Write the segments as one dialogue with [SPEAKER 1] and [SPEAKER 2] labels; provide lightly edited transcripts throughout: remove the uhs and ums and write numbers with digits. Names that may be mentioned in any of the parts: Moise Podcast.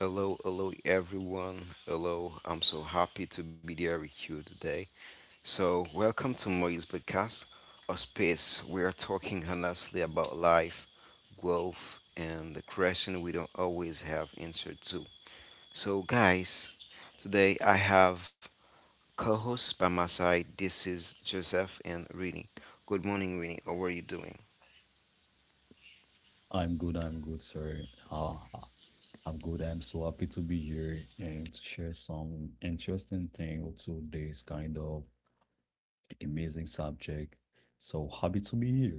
[SPEAKER 1] Hello, hello everyone. Hello, I'm so happy to be there with you today. Welcome to Moise Podcast, a space we are talking honestly about life, growth, and the question we don't always have answer to. So, guys, today I have co-hosts by my side. This is Joseph and Rini. Good morning, Rini. How are you doing?
[SPEAKER 2] I'm good, sir. I'm good. I'm so happy to be here and to share some interesting thing to this kind of amazing subject. So happy to be here.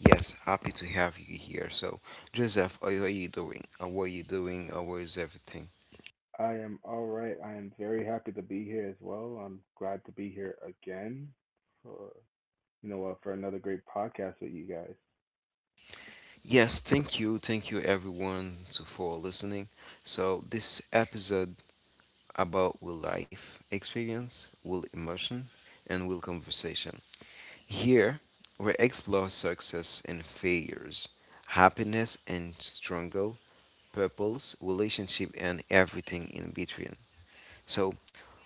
[SPEAKER 1] Yes, happy to have you here. So, Joseph, how are you doing? How is everything?
[SPEAKER 3] I am all right. I am very happy to be here as well. I'm glad to be here again for you know what for another great podcast with you guys.
[SPEAKER 1] Yes, thank you everyone for listening. So this episode about will life experience, will emotion, and will conversation. Here we explore success and failures, happiness and struggle, purpose, relationship, and everything in between. So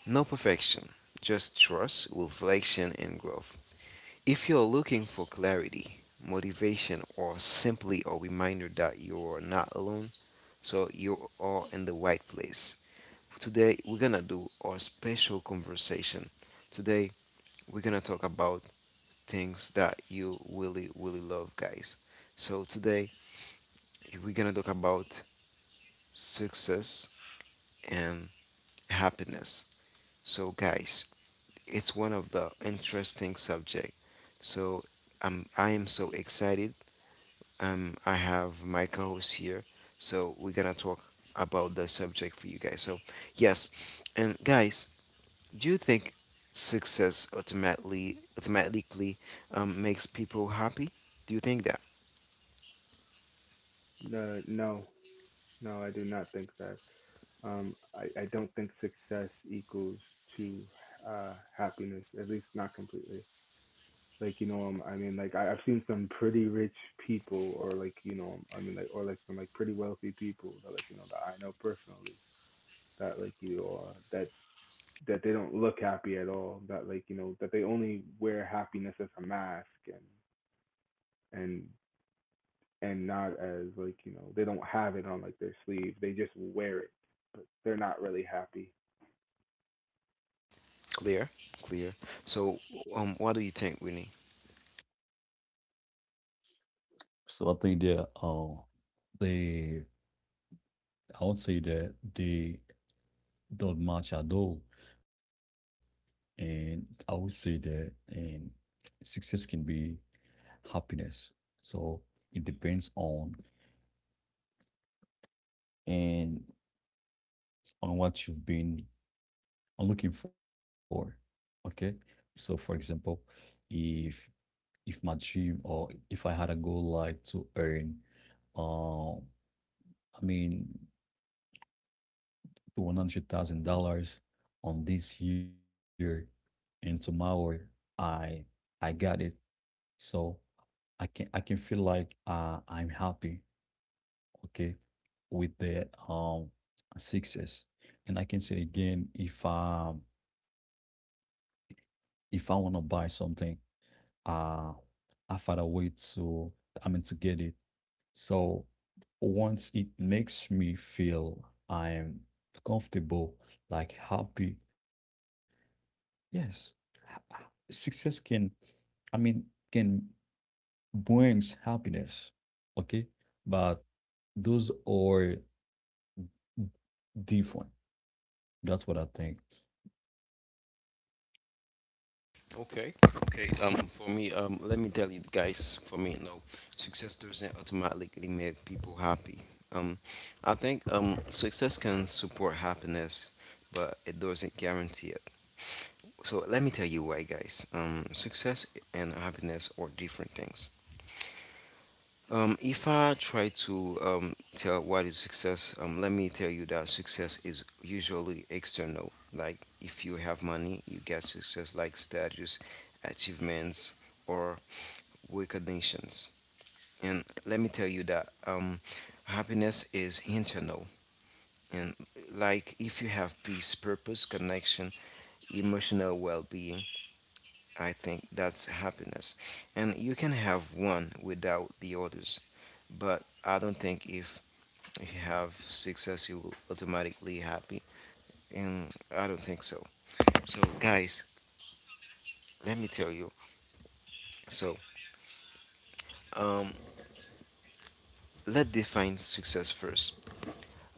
[SPEAKER 1] no perfection, just trust, reflection, and growth. If you're looking for clarity, motivation, or simply a reminder that you are not alone, so you are in the right place. Today we're gonna do our special conversation. Today we're gonna talk about things that you really love, guys. So today we're gonna talk about success and happiness. So guys, it's one of the interesting subject. So I am so excited. I have my co-host here, so we're gonna talk about the subject for you guys. Yes, and guys, do you think success automatically makes people happy? Do you think that?
[SPEAKER 3] No, no, no. I do not think that. I don't think success equals to happiness. At least not completely. Like you know, I mean, like I, I've seen some pretty rich people, or like you know, I mean, like or like some like pretty wealthy people that that I know personally that like you that that they don't look happy at all, that that they only wear happiness as a mask, and and and not as they don't have it on like their sleeve, they just wear it, but they're not really happy.
[SPEAKER 1] Clear, clear. So, what do you think, Winnie?
[SPEAKER 2] So I think that they I would say that they don't match at all. And I would say that and success can be happiness. So it depends on and on what you've been I'm looking for. Okay. So for example, if if my dream or if I had a goal like to earn uh, I mean $100,000 on this year, and tomorrow I I got it. So I can feel like I'm happy, okay, with the success. And I can say again, if I wanna buy something uh I are a way to, I mean, to get it. So once it makes me feel I'm comfortable, like happy, yes, ha- ha- success can, I mean, can brings happiness. Okay, but those are different. That's what I think.
[SPEAKER 1] Okay, okay. For me, let me tell you guys. For me, no, success doesn't automatically make people happy. Um, I think success can support happiness, but it doesn't guarantee it. So let me tell you why, guys. Success and happiness are different things. If I try to tell what is success, let me tell you that success is usually external. Like if you have money, you get success like status, achievements, or recognitions. And let me tell you that happiness is internal. And like if you have peace, purpose, connection, emotional well-being, I think that's happiness. And you can have one without the others. But I don't think if you have success, you will automatically happy. And I don't think so. So guys, let me tell you. So um, let's define success first.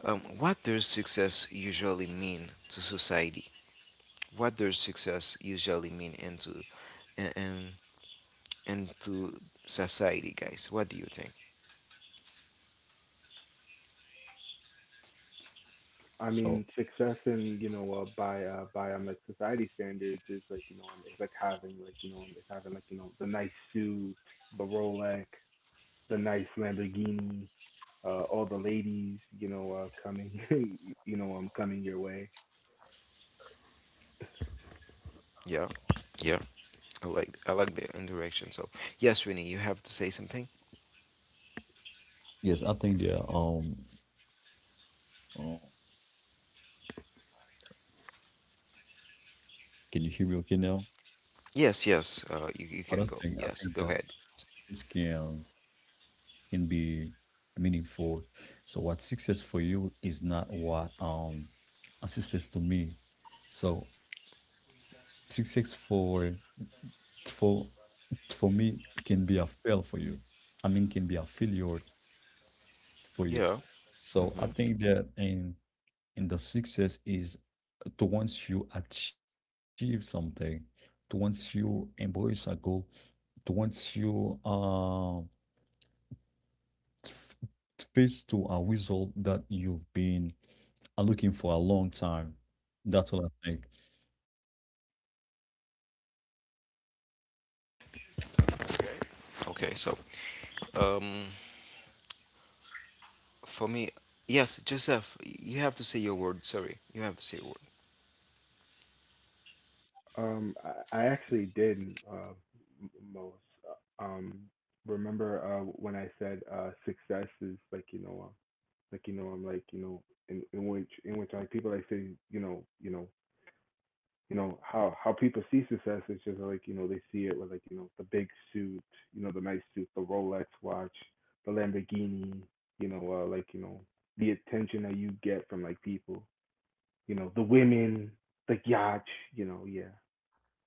[SPEAKER 1] What does success usually mean to society? What does success usually mean and and, and to society, guys? What do you think?
[SPEAKER 2] So
[SPEAKER 3] Success in, by like society standards, is it's like having, it's having, the nice suit, the Rolex, the nice Lamborghini, all the ladies, coming coming your way.
[SPEAKER 1] Yeah, yeah. I like the indirection. So yes, Winnie, you have to say something.
[SPEAKER 2] yes, I think that, uh, can you hear me okay now?
[SPEAKER 1] Yes, yes.
[SPEAKER 2] But I don't
[SPEAKER 1] You can
[SPEAKER 2] think. I
[SPEAKER 1] go.
[SPEAKER 2] think
[SPEAKER 1] Yes,
[SPEAKER 2] that
[SPEAKER 1] go ahead.
[SPEAKER 2] success can be meaningful. So what success for you is not what a success to me. So success for for me can be a fail for you. I mean, can be a failure for you.
[SPEAKER 1] Yeah.
[SPEAKER 2] So I
[SPEAKER 1] Hmm.
[SPEAKER 2] think that in the success is to once you achieve something, to once you embrace a goal, to once you face to a result that you've been looking for a long time. That's all I think.
[SPEAKER 1] Okay. So um, for me, yes, Joseph, you have to say your word. Sorry, you have to say your word.
[SPEAKER 3] Um, I actually did uh, most. Uh, Um, Remember when I said success is like you know, I'm like you know, in which like people like say you know, you know, you know how people see success? Is just they see it with the big suit, you know, the nice suit, the Rolex watch, the Lamborghini, you know, uh, like you know the attention that you get from like people, you know, the women, the yacht, you know, yeah.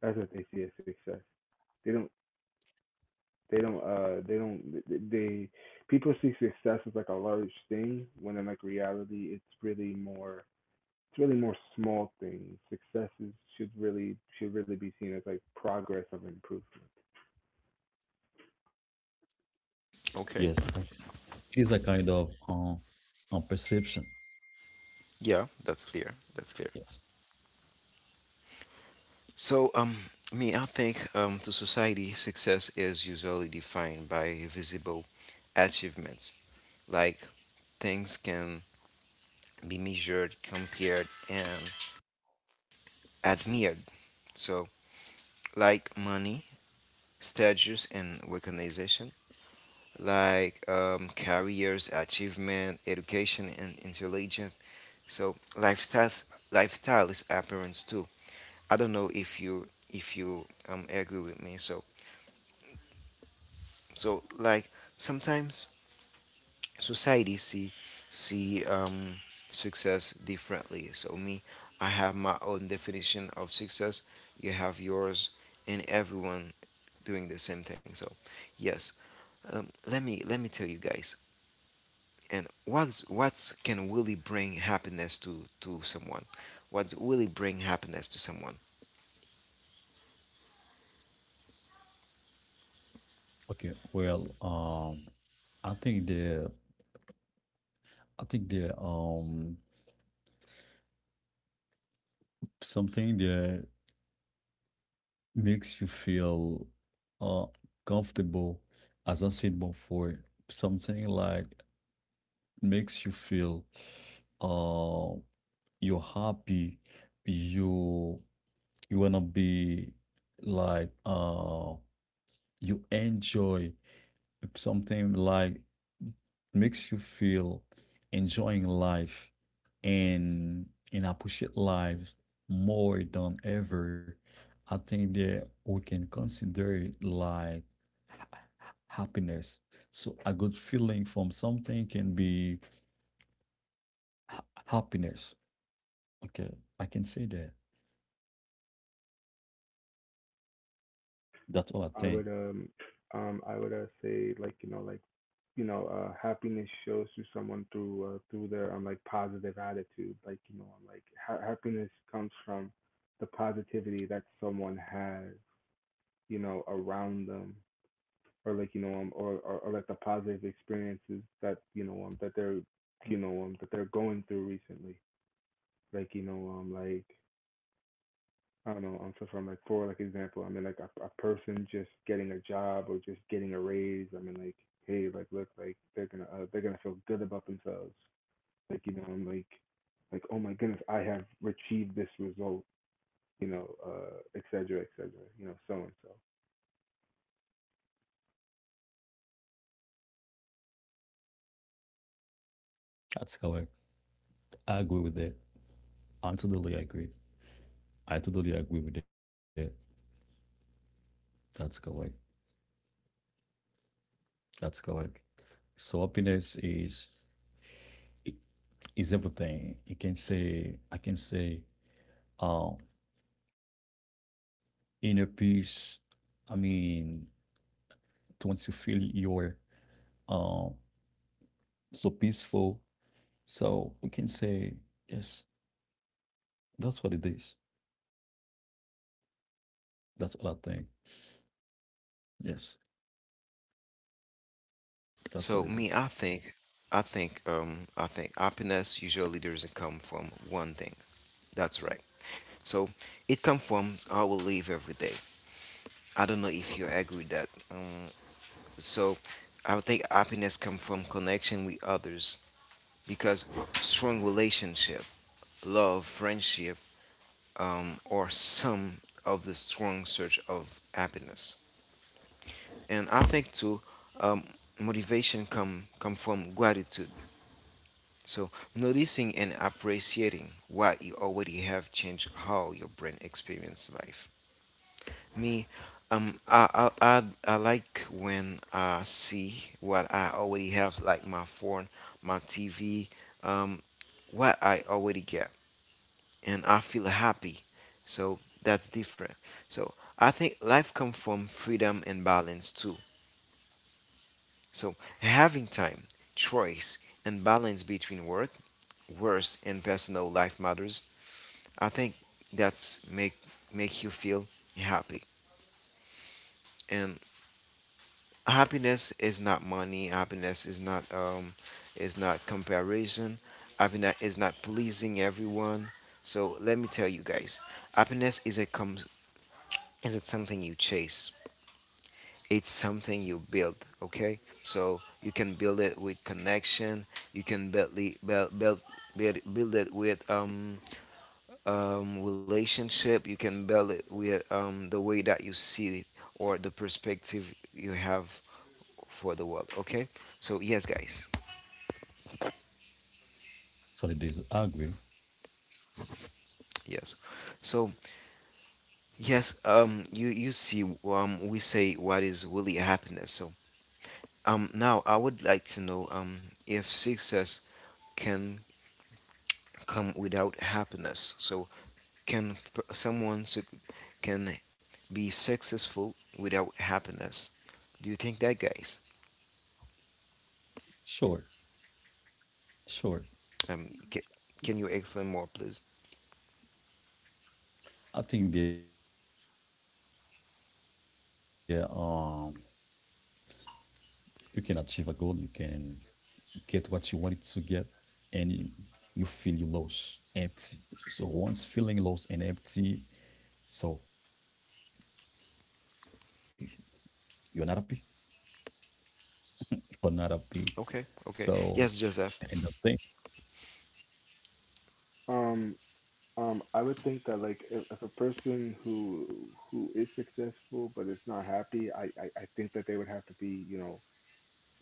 [SPEAKER 3] That's what they see as success. They don't. They don't. They don't. They People see success as like a large thing when in like reality it's really more small things. Successes should really Should really be seen as like progress of improvement.
[SPEAKER 2] Yes,
[SPEAKER 1] Okay.
[SPEAKER 2] I see. It is a kind of perception.
[SPEAKER 1] Yeah, that's clear. That's clear.
[SPEAKER 2] Yes.
[SPEAKER 1] So, me, I think to society, success is usually defined by visible achievements, like things can be measured, compared, and admired. So like money, status, and recognition, like careers, achievement, education, and intelligence. So lifestyles, lifestyle is appearance too. I don't know if you agree with me. So like sometimes society see success differently. So me, I have my own definition of success. You have yours, and everyone doing the same thing. So yes, let me tell you guys. And what's can really bring happiness to someone? What's really bring happiness to someone?
[SPEAKER 2] Okay. Well, I think the I think the something that makes you feel uh comfortable, as I said before, something like makes you feel um you're happy. You wanna be like you enjoy something like makes you feel enjoying life and appreciate life more than ever. I think that we can consider it like happiness. So a good feeling from something can be happiness. Okay, I can say that. That's all I
[SPEAKER 3] I
[SPEAKER 2] think.
[SPEAKER 3] would um I would say happiness shows to someone through through their like positive attitude. Like happiness comes from the positivity that someone has, you know, around them, or like, you know, or like the positive experiences that, you know, that they're, you know, that they're going through recently. Like, you know, I don't know, so from like, for like example, I mean like a person just getting a job or just getting a raise. I mean, like, hey, like, look, like they're gonna feel good about themselves. Like, you know, I'm like, oh my goodness, I have achieved this result, you know, et cetera, you know, so and so.
[SPEAKER 2] That's correct. I agree with that. I'm totally agree. I totally agree with that. That's correct. That's correct. So happiness is everything. You can say, I can say, um inner peace. I mean, to once you feel you're um so peaceful. So we can say yes, that's what it is. That's what I think. Yes, that's what
[SPEAKER 1] So
[SPEAKER 2] it is.
[SPEAKER 1] me, I think happiness usually doesn't come from one thing. That's right. So it comes from how we live every day. I don't know if you agree with that. So I think happiness comes from connection with others because strong relationship, love, friendship, are some of the strong search of happiness. And I think too, um, motivation come from gratitude. So noticing and appreciating what you already have changed how your brain experience life. Me, I like when I see what I already have, like my phone, my TV, um, what I already get, and I feel happy. So that's different. So I think life comes from freedom and balance too. So having time, choice, and balance between work, worst, and personal life matters. I think that's make you feel happy. And happiness is not money. Happiness is not is not comparison. Happiness is not pleasing everyone. So let me tell you guys, happiness is a com- is it something you chase? It's something you build. Okay, so you can build it with connection. You can build the- build build build build it with relationship. You can build it with the way that you see, or the perspective you have for the world. Okay, so yes guys.
[SPEAKER 2] So it is, I agree.
[SPEAKER 1] Yes so yes um you see, we say what is really happiness. So now I would like to know if success can come without happiness. Can p- someone suc can be successful without happiness? Do you think that, guys?
[SPEAKER 2] Sure, sure.
[SPEAKER 1] um ca- can you explain more, please?
[SPEAKER 2] I think there you can achieve a goal, you can get what you wanted to get, and feel you lost, empty. So once feeling lost and empty, so you're not happy, you're not happy.
[SPEAKER 1] Okay, okay.
[SPEAKER 2] So
[SPEAKER 1] Yes, Joseph.
[SPEAKER 2] and the thing,
[SPEAKER 3] Um, I would think that like if a person who is successful but is not happy, I think that they would have to be, you know,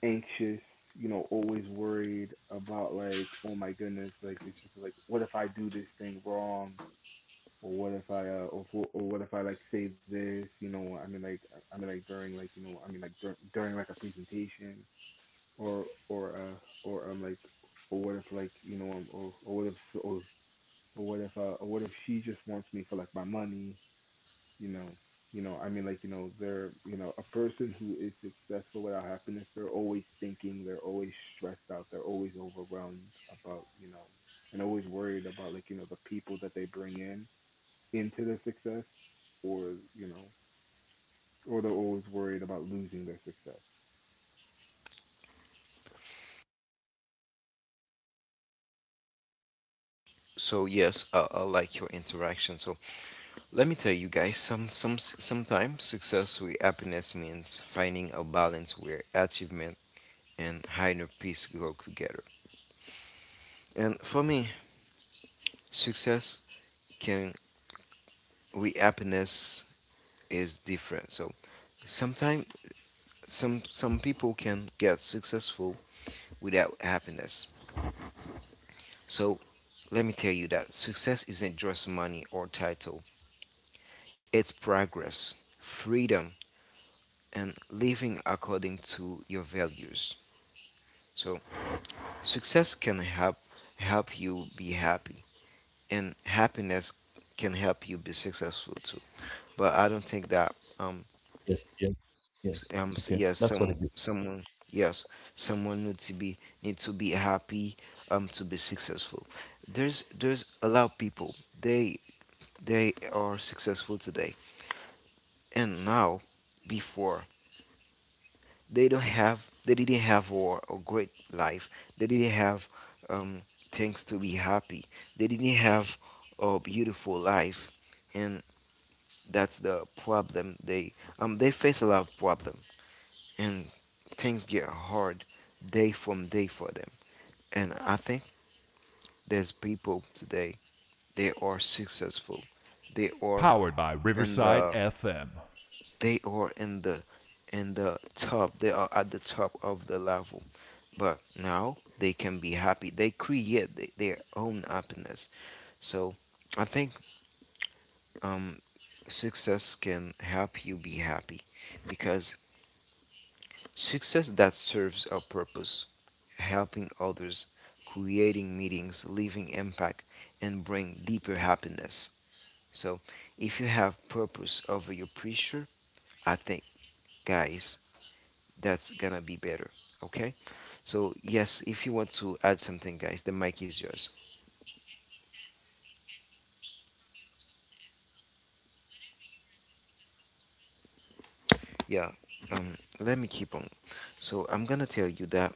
[SPEAKER 3] anxious, you know, always worried about like, oh my goodness, like it's just like what if I do this thing wrong, or what if I or what if I like say this, you know, I mean like during like you know I mean like dur- during like a presentation, or what if, like, you know, or what if, so, or but what if, what if she just wants me for like my money, you know, you know, I mean, like, you know, they're you know, a person who is successful without happiness, they're always thinking, they're always stressed out, they're always overwhelmed about, you know, and always worried about like, you know, the people that they bring in into their success, or, you know, or they're always worried about losing their success.
[SPEAKER 1] So yes, I like your interaction. So let me tell you guys, sometimes success with happiness means finding a balance where achievement and inner peace go together. And for me, success can with happiness is different. So sometimes some people can get successful without happiness. So let me tell you that success isn't just money or title. It's progress, freedom, and living according to your values. So success can help you be happy, and happiness can help you be successful too. But I don't think that
[SPEAKER 2] yes, yes. Yes, it's okay.
[SPEAKER 1] s- um
[SPEAKER 2] That's what
[SPEAKER 1] s-
[SPEAKER 2] it is.
[SPEAKER 1] yes some someone yes someone need to be happy to be successful. There's a lot of people. they they are successful today and now. Before they didn't have war a great life. They didn't have um, things to be happy. They didn't have a beautiful life, and that's the problem. They they face a lot of problem, and things get hard day from day for them. And I think there's people today, they are successful. They are in the in the in the top. They are at the top of the level. But now they can be happy. They create their own happiness. So I think um, success can help you be happy because success that serves a purpose, helping others, creating meetings, leaving impact, and bring deeper happiness. So if you have purpose over your pressure, I think, guys, that's gonna be better. Okay. So yes, if you want to add something, guys, the mic is yours. Yeah. Let me keep on. So I'm gonna tell you that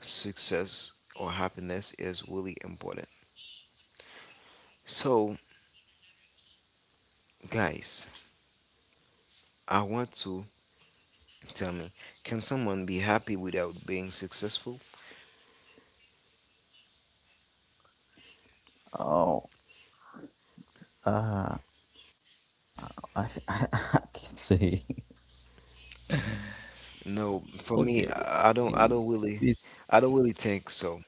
[SPEAKER 1] success or happiness is really important. So guys, I want to tell me, can someone be happy without being successful?
[SPEAKER 2] Oh, uh, I, I, can't say. Okay.
[SPEAKER 1] No, for me,
[SPEAKER 2] i-
[SPEAKER 1] I don't
[SPEAKER 2] It's
[SPEAKER 1] really. I don't really think so.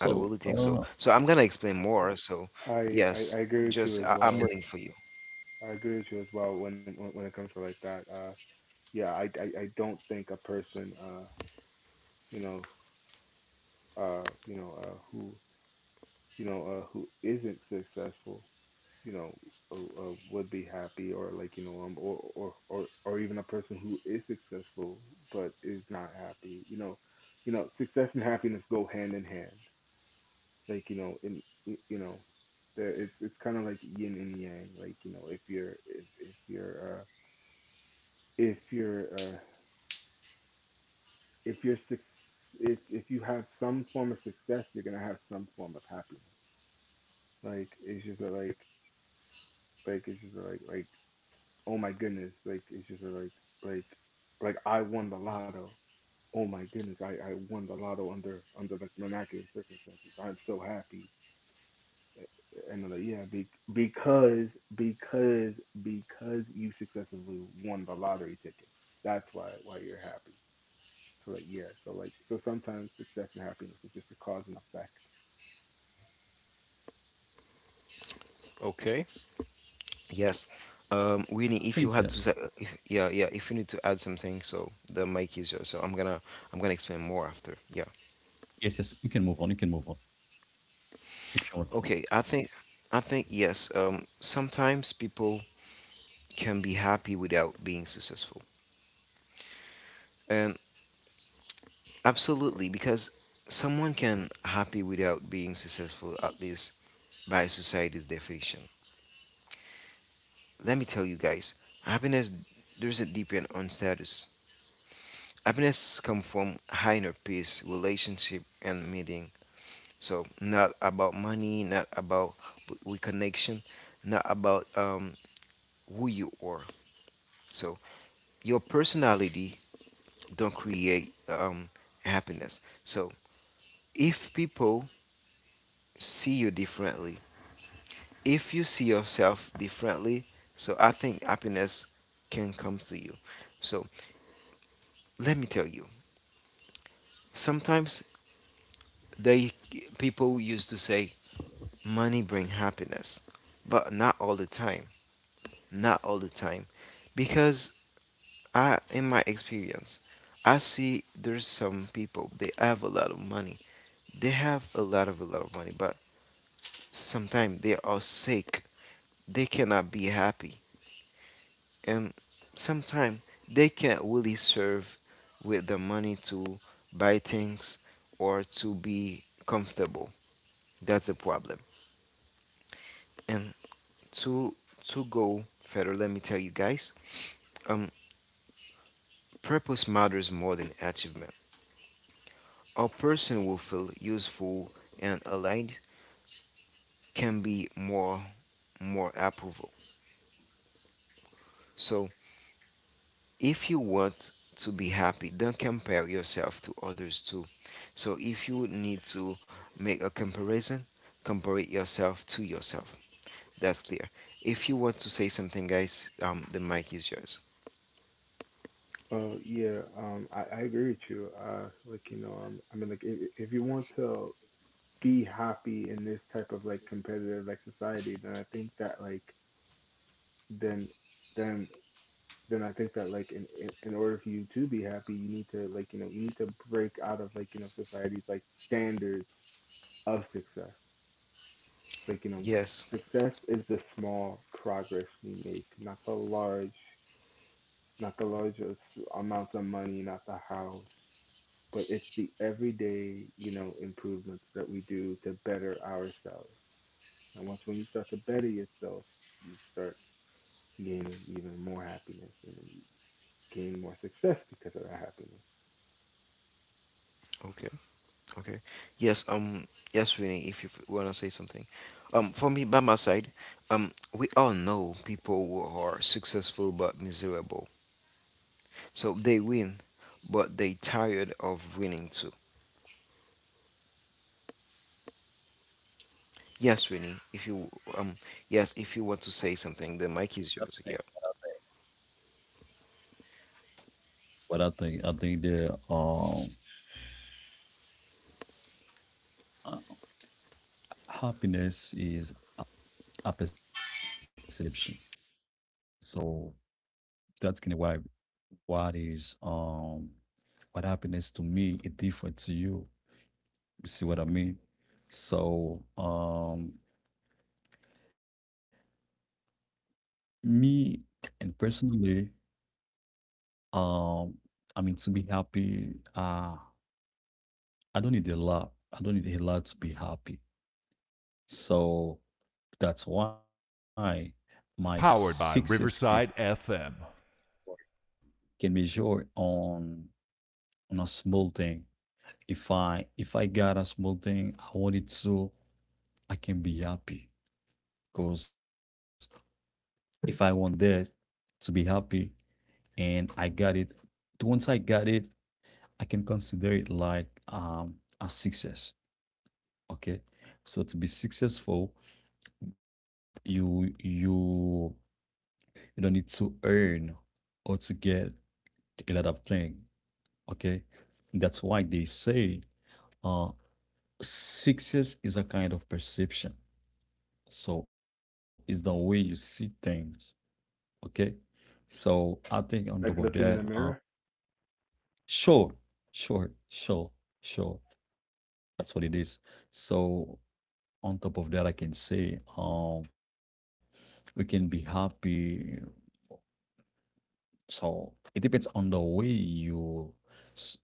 [SPEAKER 1] I don't really think so. So I'm gonna explain
[SPEAKER 3] Uh,
[SPEAKER 1] more. So
[SPEAKER 3] I I
[SPEAKER 1] yes,
[SPEAKER 3] I
[SPEAKER 2] yes,
[SPEAKER 3] agree with you
[SPEAKER 1] just
[SPEAKER 3] as
[SPEAKER 1] I'm
[SPEAKER 3] well.
[SPEAKER 1] waiting for you.
[SPEAKER 3] I agree with you as well when it comes to like that. Yeah, I don't think a person, you know, you know, who, you know, who isn't successful, you know, would be happy, or like, you know, or even a person who is successful but is not happy, you know, success and happiness go hand in hand, like, you know, you know, it's kind of like yin and yang, like, you know, if you're, if you're, uh, if you're suc if you have some form of success, you're gonna have some form of happiness. Like it's just that, like, oh my goodness, like it's just that, like like, I won the lotto. Oh my goodness, I won the lotto under like miraculous circumstances. I'm so happy. And I'm like, yeah, because because because you successfully won the lottery ticket. That's why you're happy. So like, yeah, so like, so sometimes success and happiness is just a cause and effect.
[SPEAKER 1] Okay. Yes.
[SPEAKER 2] I think. Idea.
[SPEAKER 1] Winnie, if you had to say, if, if you need to add something, so the mic is yours. I'm gonna explain more after. Yeah.
[SPEAKER 2] Yes, yes, you can move on. You can move on if you want to.
[SPEAKER 1] Okay. I think yes. Sometimes people can be happy without being successful, and absolutely because someone can happy without being successful at least by society's definition. Let me tell you guys, happiness doesn't depend on status. Happiness comes from higher peace, relationship, and meaning. So not about money, not about w- we connection, not about who you are. So your personality don't create happiness. So if people see you differently, if you see yourself differently, so I think happiness can come to you. So let me tell you, sometimes they people used to say money bring happiness, but not all the time, not all the time, because in my experience, I see there's some people they have a lot of money. They have a lot of money, but sometimes they are sick. They cannot be happy, and sometimes they can't really serve with the money to buy things or to be comfortable. That's a problem. And to to go further, let me tell you guys, um, purpose matters more than achievement. A person will feel useful and allied can be more approval. So if you want to be happy, don't compare yourself to others too. So if you need to make a comparison, compare it yourself to yourself. That's clear. If you want to say something guys, the mic is yours.
[SPEAKER 3] Yeah, I agree with you. Like, you know, I mean, like, if you want to be happy in this type of like competitive like society, then I think that like then then then I think that like in order for you to be happy, you need to, like, you know, you need to break out of, like, you know, society's like standards of success. Like, you know,
[SPEAKER 1] Yes.
[SPEAKER 3] success is the small progress we make, not the large amounts of money, not the house, but it's the everyday, you know, improvements that we do to better ourselves. And once when you start to better yourself, you start gaining even more happiness and you gain more success because of that happiness.
[SPEAKER 1] Okay. Okay. Yes, um yes, Winnie, if you want to say something. For me by my side, we all know people who are successful but miserable. So they win, but they tired of winning too. Yes, Winnie, if you um yes,
[SPEAKER 2] So,
[SPEAKER 1] if you want to say
[SPEAKER 2] what
[SPEAKER 1] something, the
[SPEAKER 2] I think,
[SPEAKER 1] mic is yours. Yeah.
[SPEAKER 2] what I think the uh, happiness is a perception. So that's kind of why what is um what happiness to me is different to you. You see what I mean? So, me and personally, um, I mean, to be happy, I don't need a lot. I don't need a lot to be happy. So that's why my success can measure on a small thing. If I got a small thing, I want it, so I can be happy. Because if I want that to be happy and I got it, once I got it, I can consider it like a success. Okay, so to be successful, you you you don't need to earn or to get a lot of things. Okay, that's why they say uh, success is a kind of perception. So it's the way you see things. Okay, so I think on top of
[SPEAKER 3] Like looking
[SPEAKER 2] that,
[SPEAKER 3] in the mirror.
[SPEAKER 2] sure, sure, sure, sure. That's what it is. So on top of that, I can say we can be happy. So it depends on the way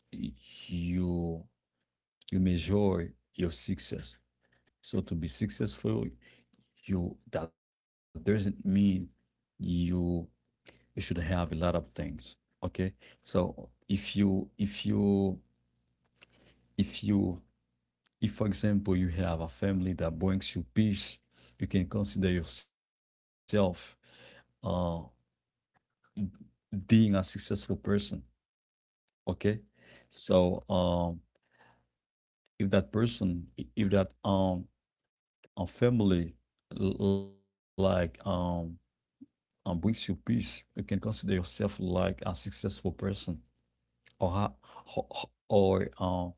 [SPEAKER 2] you you measure your success. So to be successful, you that doesn't mean you you should have a lot of things. Okay. So if you if for example you have a family that brings you peace, you can consider yourself uh being a successful person. Okay, so if that person, if that a family like brings you peace, you can consider yourself like a successful person, or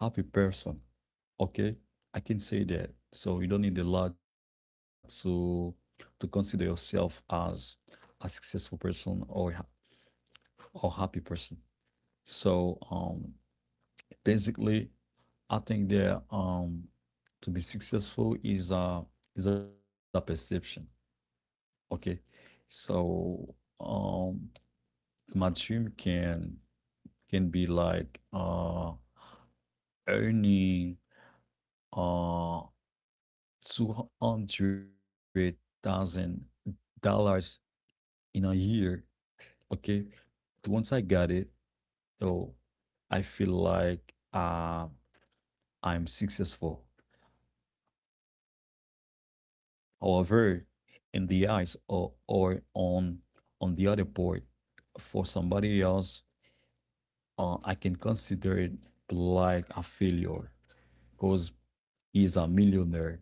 [SPEAKER 2] happy person. Okay, I can say that. So you don't need a lot to consider yourself as a successful person or or happy person. So basically, I think there to be successful is a perception. Okay. So um my dream can be like earning uh $200,000 in a year. Okay. Once I got it, oh, I feel like I'm successful. However, in the eyes, or on the other part, for somebody else, I can consider it like a failure because he's a millionaire,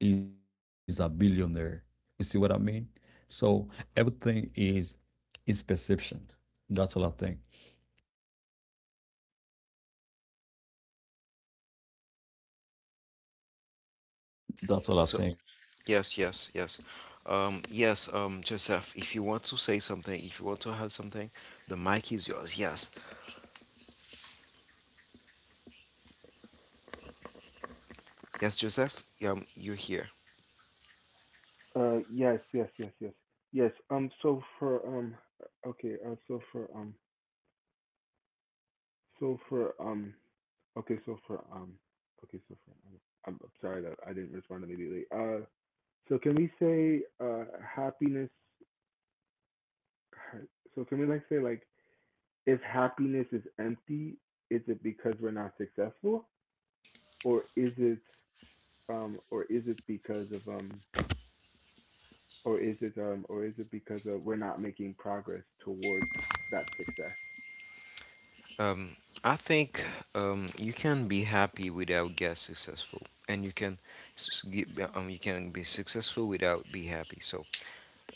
[SPEAKER 2] he's a billionaire. You see what I mean? So everything is perception. That's all I think. That's all I
[SPEAKER 1] So
[SPEAKER 2] think.
[SPEAKER 1] yes, yes, yes. Yes, Joseph, if you want to say something, if you want to add something, the mic is yours. Yes. Yes, Joseph, you're here.
[SPEAKER 3] Uh, yes, yes, yes, yes, yes. So for okay, so for so for okay, so for okay, so for I'm sorry that I didn't respond immediately. So can we say, happiness hurt. So can we like say like, if happiness is empty, is it because we're not successful, or is it or is it because of or is it because of we're not making progress towards that success?
[SPEAKER 1] Um, I think you can be happy without get successful, and you can s- s- ge- you can be successful without be happy. So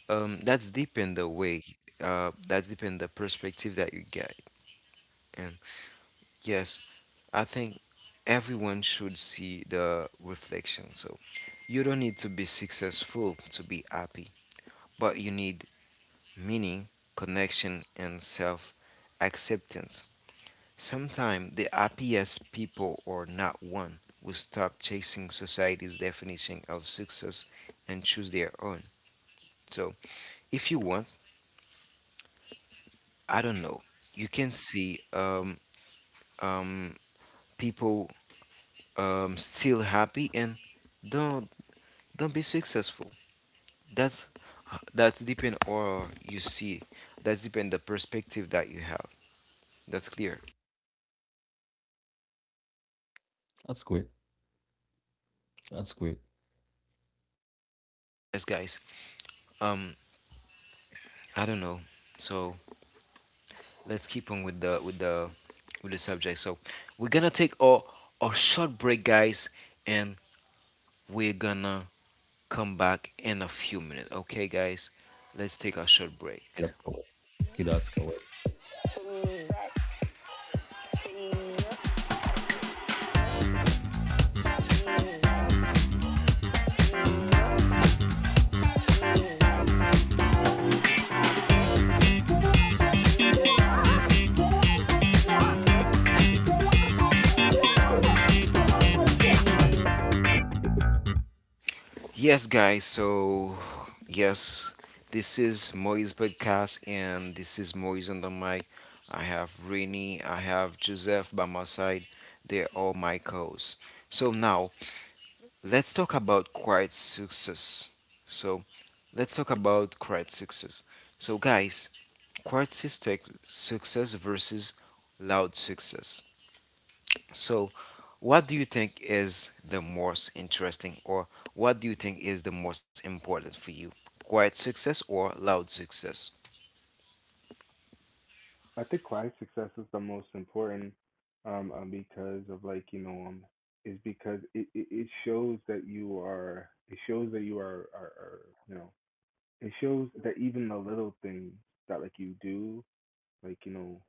[SPEAKER 1] that's deep in the way. That's deep in the perspective that you get. And yes, I think everyone should see the reflection. So you don't need to be successful to be happy, but you need meaning, connection, and self acceptance. Sometimes the happiest people are not one who stop chasing society's definition of success and choose their own. So, if you want, I don't know, you can see um, people still happy and don't don't be successful. That's that's depend or you see. That's depend the perspective that you have. That's clear.
[SPEAKER 2] That's great. That's great.
[SPEAKER 1] Yes, guys. Um, I don't know. So let's keep on with the subject. So we're gonna take a short break, guys, and we're gonna come back in a few minutes. Okay, guys, let's take a
[SPEAKER 2] Okay,
[SPEAKER 1] short
[SPEAKER 2] that's
[SPEAKER 1] break.
[SPEAKER 2] cool. Okay, that's correct.
[SPEAKER 1] Yes, guys. So yes, this is Moise podcast, and this is Moise on the mic. I have Rini, I have Joseph by my side. They're all my co-hosts. So now let's talk about quiet success. So, let's talk about quiet success. So, guys, quiet success versus loud success. So, what do you think is the most interesting, or what do you think is the most important for you? Quiet success or loud success?
[SPEAKER 3] I think why success is the most important because of, like, you know, is because it it shows that you are, it shows that you are, are, you know, it shows that even the little things that like you do, like, you know,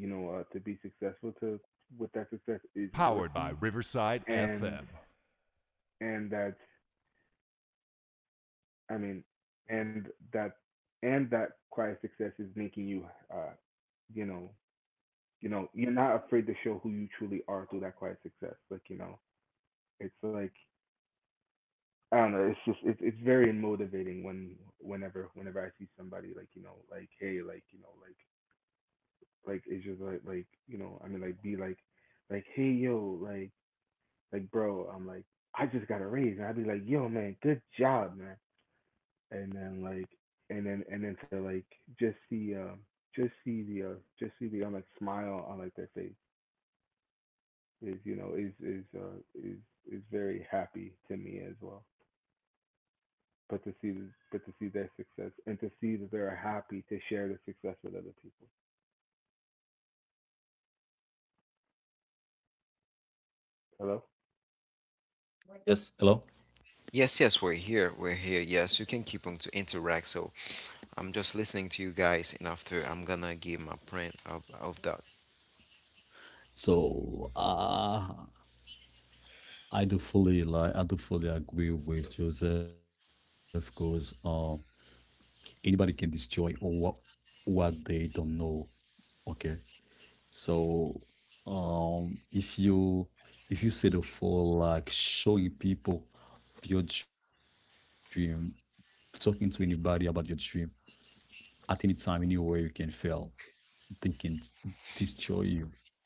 [SPEAKER 3] you know, to be successful to, with that success, is working. And and that I mean and that and that quiet success is making you, uh you know, you know, you're not afraid to show who you truly are through that quiet success. Like, you know, it's like, I don't know, it's just, it's very motivating whenever I see somebody, like, you know, like, hey, like, you know, like it's just like you know I mean like be like hey, yo, like, bro, I'm like, I just got a raise. And I'd be like, yo, man, good job, man. And then like, and then to like just see, just see the, uh, I'm like, smile on like their face is, you know, is is very happy to me as well. But to see, but to see their success and to see that they're happy to share the success with other people. Hello.
[SPEAKER 2] Yes. Hello.
[SPEAKER 1] Yes, yes, we're here. We're here. Yes, you can keep on to interact. So I'm just listening to you guys, and after I'm gonna give my print of that.
[SPEAKER 2] So I do fully agree with Joseph because anybody can destroy what they don't know. Okay, so um, if you if you set a for like showing people your dream, talking to anybody about your dream at any time, anywhere, you can fail, they can destroy you.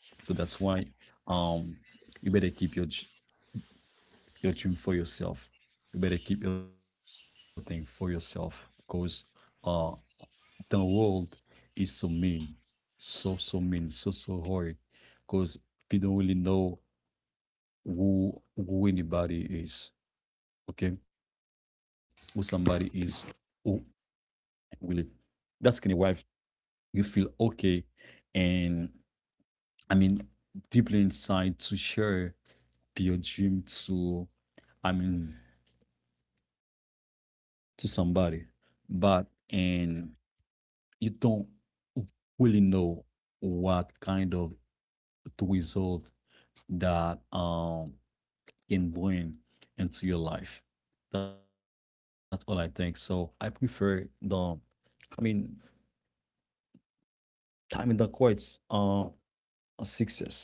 [SPEAKER 2] So that's why um, you better keep your your dream for yourself. You better keep your thing for yourself, because uh, the world is so mean, so so mean, so so hard. Because we don't really know who anybody is. Okay, who somebody is, who we live. That's gonna arrive. You feel okay, and I mean deeply inside to share your dream to, I mean, to somebody, but and you don't really know what kind of the result that can bring into your life. That's all I think. So I prefer the, I mean, time in the courts a success.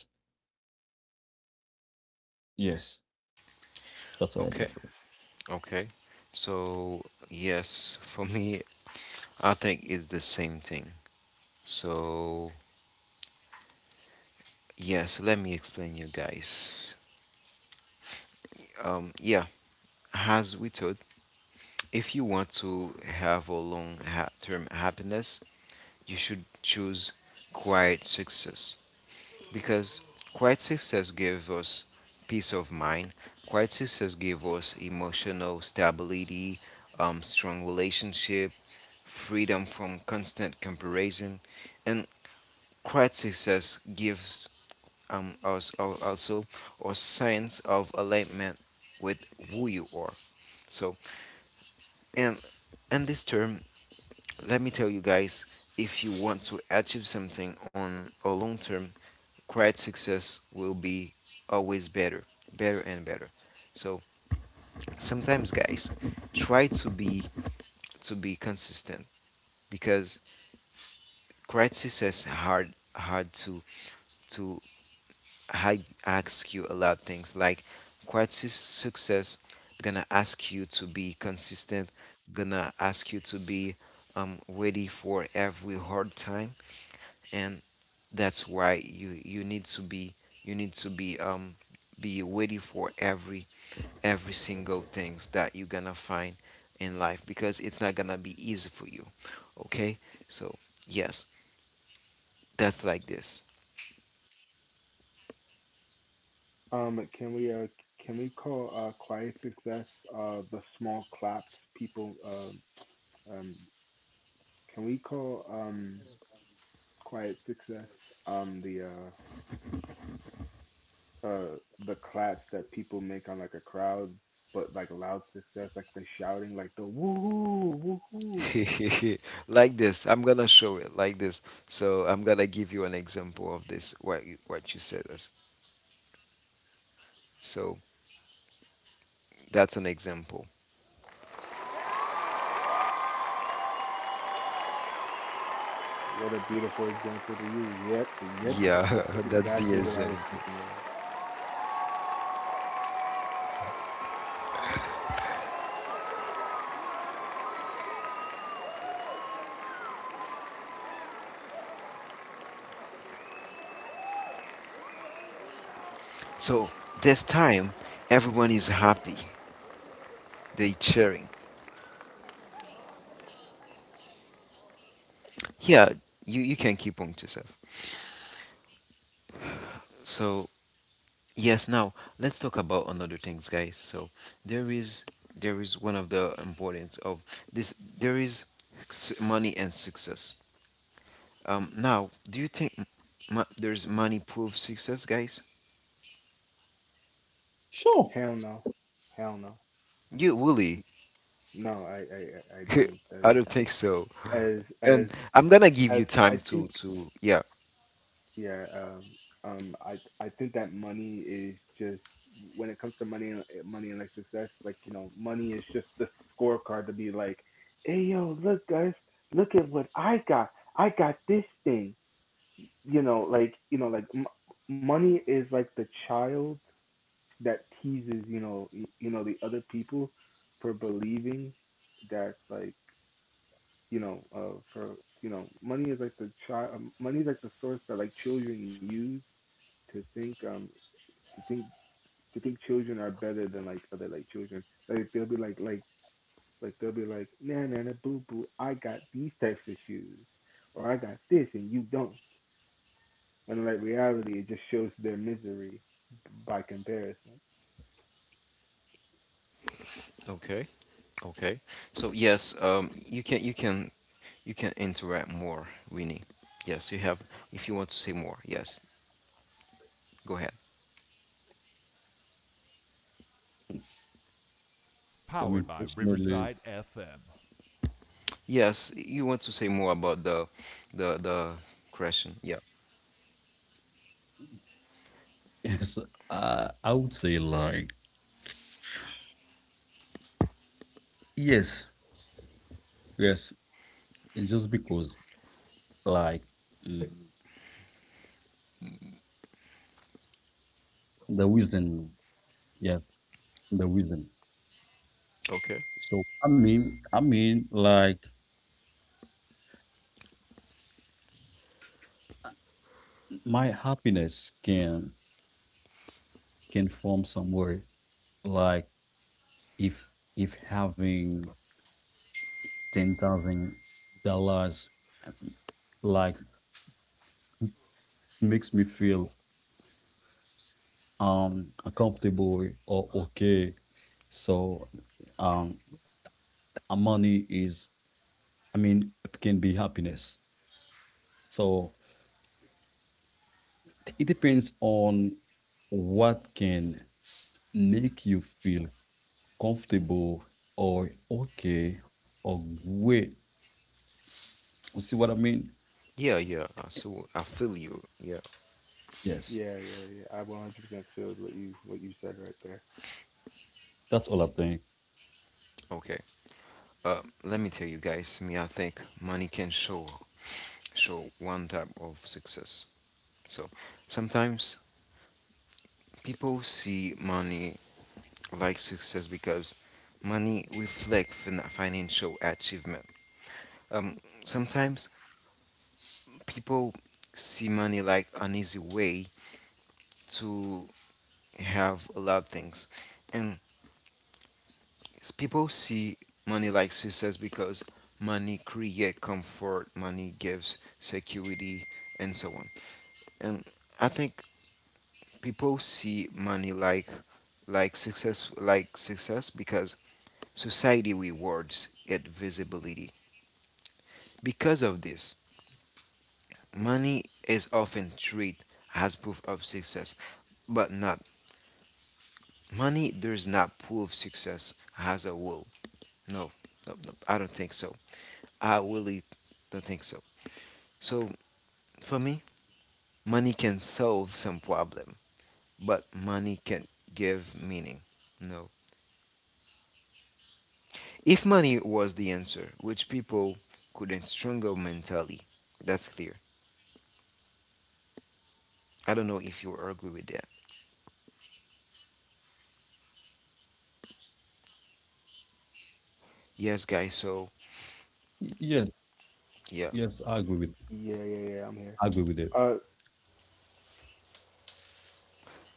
[SPEAKER 2] Yes, that's what I
[SPEAKER 1] Okay.
[SPEAKER 2] prefer.
[SPEAKER 1] Okay. So, yes, for me, I think it's the same thing. So, yes, let me explain you guys. Yeah, as we told, if you want to have a long term happiness, you should choose quiet success. Because quiet success gives us peace of mind. Quiet success gives us emotional stability, strong relationship, freedom from constant comparison, and quiet success gives us also a sense of alignment with who you are. So, and and this term let me tell you guys, if you want to achieve something on a long term, quiet success will be always better, better and better. So sometimes guys try to be consistent, because quiet success hard to to ask you a lot of things. Like quiet success gonna ask you to be consistent, gonna ask you to be ready for every hard time. And that's why you need to be, you need to be ready for every single things that you're gonna find in life, because it's not gonna be easy for you. Okay, so yes, that's like this.
[SPEAKER 3] Um, can we uh can we call quiet success, the small claps people um can we call quiet success, um the uh uh the claps that people make on like a crowd, but like loud success, like the shouting, like the woohoo, woohoo?
[SPEAKER 1] Like this, I'm gonna show it like this. So I'm gonna give you an example of this, what what you said us. So that's an example.
[SPEAKER 3] What a beautiful example to use. Yep, yep,
[SPEAKER 1] Yeah,
[SPEAKER 3] yep. That's exactly what
[SPEAKER 1] that's
[SPEAKER 3] I was
[SPEAKER 1] the
[SPEAKER 3] thinking
[SPEAKER 1] example.
[SPEAKER 3] about.
[SPEAKER 1] So this time everyone is happy, the sharing. Yeah, you can keep on to yourself. So yes, now let's talk about another things, guys. So there is one of the importance of this. There is money and success. Now do you think there's money proof success, guys?
[SPEAKER 2] Sure.
[SPEAKER 3] Hell no, hell no,
[SPEAKER 1] You really?
[SPEAKER 3] no. I don't.
[SPEAKER 1] I don't think so.
[SPEAKER 3] As as
[SPEAKER 1] And I'm gonna give
[SPEAKER 3] as
[SPEAKER 1] you
[SPEAKER 3] I
[SPEAKER 1] time
[SPEAKER 3] think.
[SPEAKER 1] to yeah.
[SPEAKER 3] Yeah, um, I I think that money is just, when it comes to money and money and like success, like, you know, money is just the scorecard to be like, hey yo, look guys, look at what I got. I got this thing. You know, like, you know, like money is like the child that teases, you know, you know, the other people for believing that like, you know, for you know, money is like the source that like children use to think to think to think children are better than like other like children. Like they'll be like like they'll be like, nah nah nah boo boo, I got these types of shoes, or I got this and you don't. When like reality, it just shows their misery by comparison.
[SPEAKER 1] Okay. Okay. So yes, you can you can interact more, Winnie. Yes, you have. If you want to say more, yes, go ahead.
[SPEAKER 2] For me personally,
[SPEAKER 1] Yes, you want to say more about the question. Yeah.
[SPEAKER 2] yes, I would say like yes, yes. It's just because like mm, the reason, yes, the reason.
[SPEAKER 1] Okay.
[SPEAKER 2] So I mean, like my happiness can form somewhere. Like if if having $10,000, like, makes me feel uncomfortable or okay. So um, money is, I mean, can be happiness. So it depends on what can make you feel comfortable or okay or great. You see what I mean?
[SPEAKER 1] Yeah, yeah. So I feel you. Yeah.
[SPEAKER 2] Yes,
[SPEAKER 3] Yeah, I 100% feel what you said right there.
[SPEAKER 2] that's all I think.
[SPEAKER 1] Okay. Let me tell you guys. Me, I think money can show one type of success. So sometimes people see money like success, because money reflects financial achievement. Um, Sometimes people see money like an easy way to have a lot of things, and people see money like success because money creates comfort, money gives security, and so on. And I think people see money like success because society rewards it visibility. Because of this, money is often treated as proof of success, but not. Money does not prove success as a whole. No, no, no, I don't think so. I really don't think so. So for me, money can solve some problem, but money can't give meaning. No. If money was the answer, which people couldn't struggle mentally, that's clear. I don't know if you agree with that. Yes, guys. So
[SPEAKER 2] Yes,
[SPEAKER 1] yeah.
[SPEAKER 2] yes, I agree with.
[SPEAKER 3] Yeah, I'm here.
[SPEAKER 2] I agree with
[SPEAKER 3] Uh
[SPEAKER 2] it.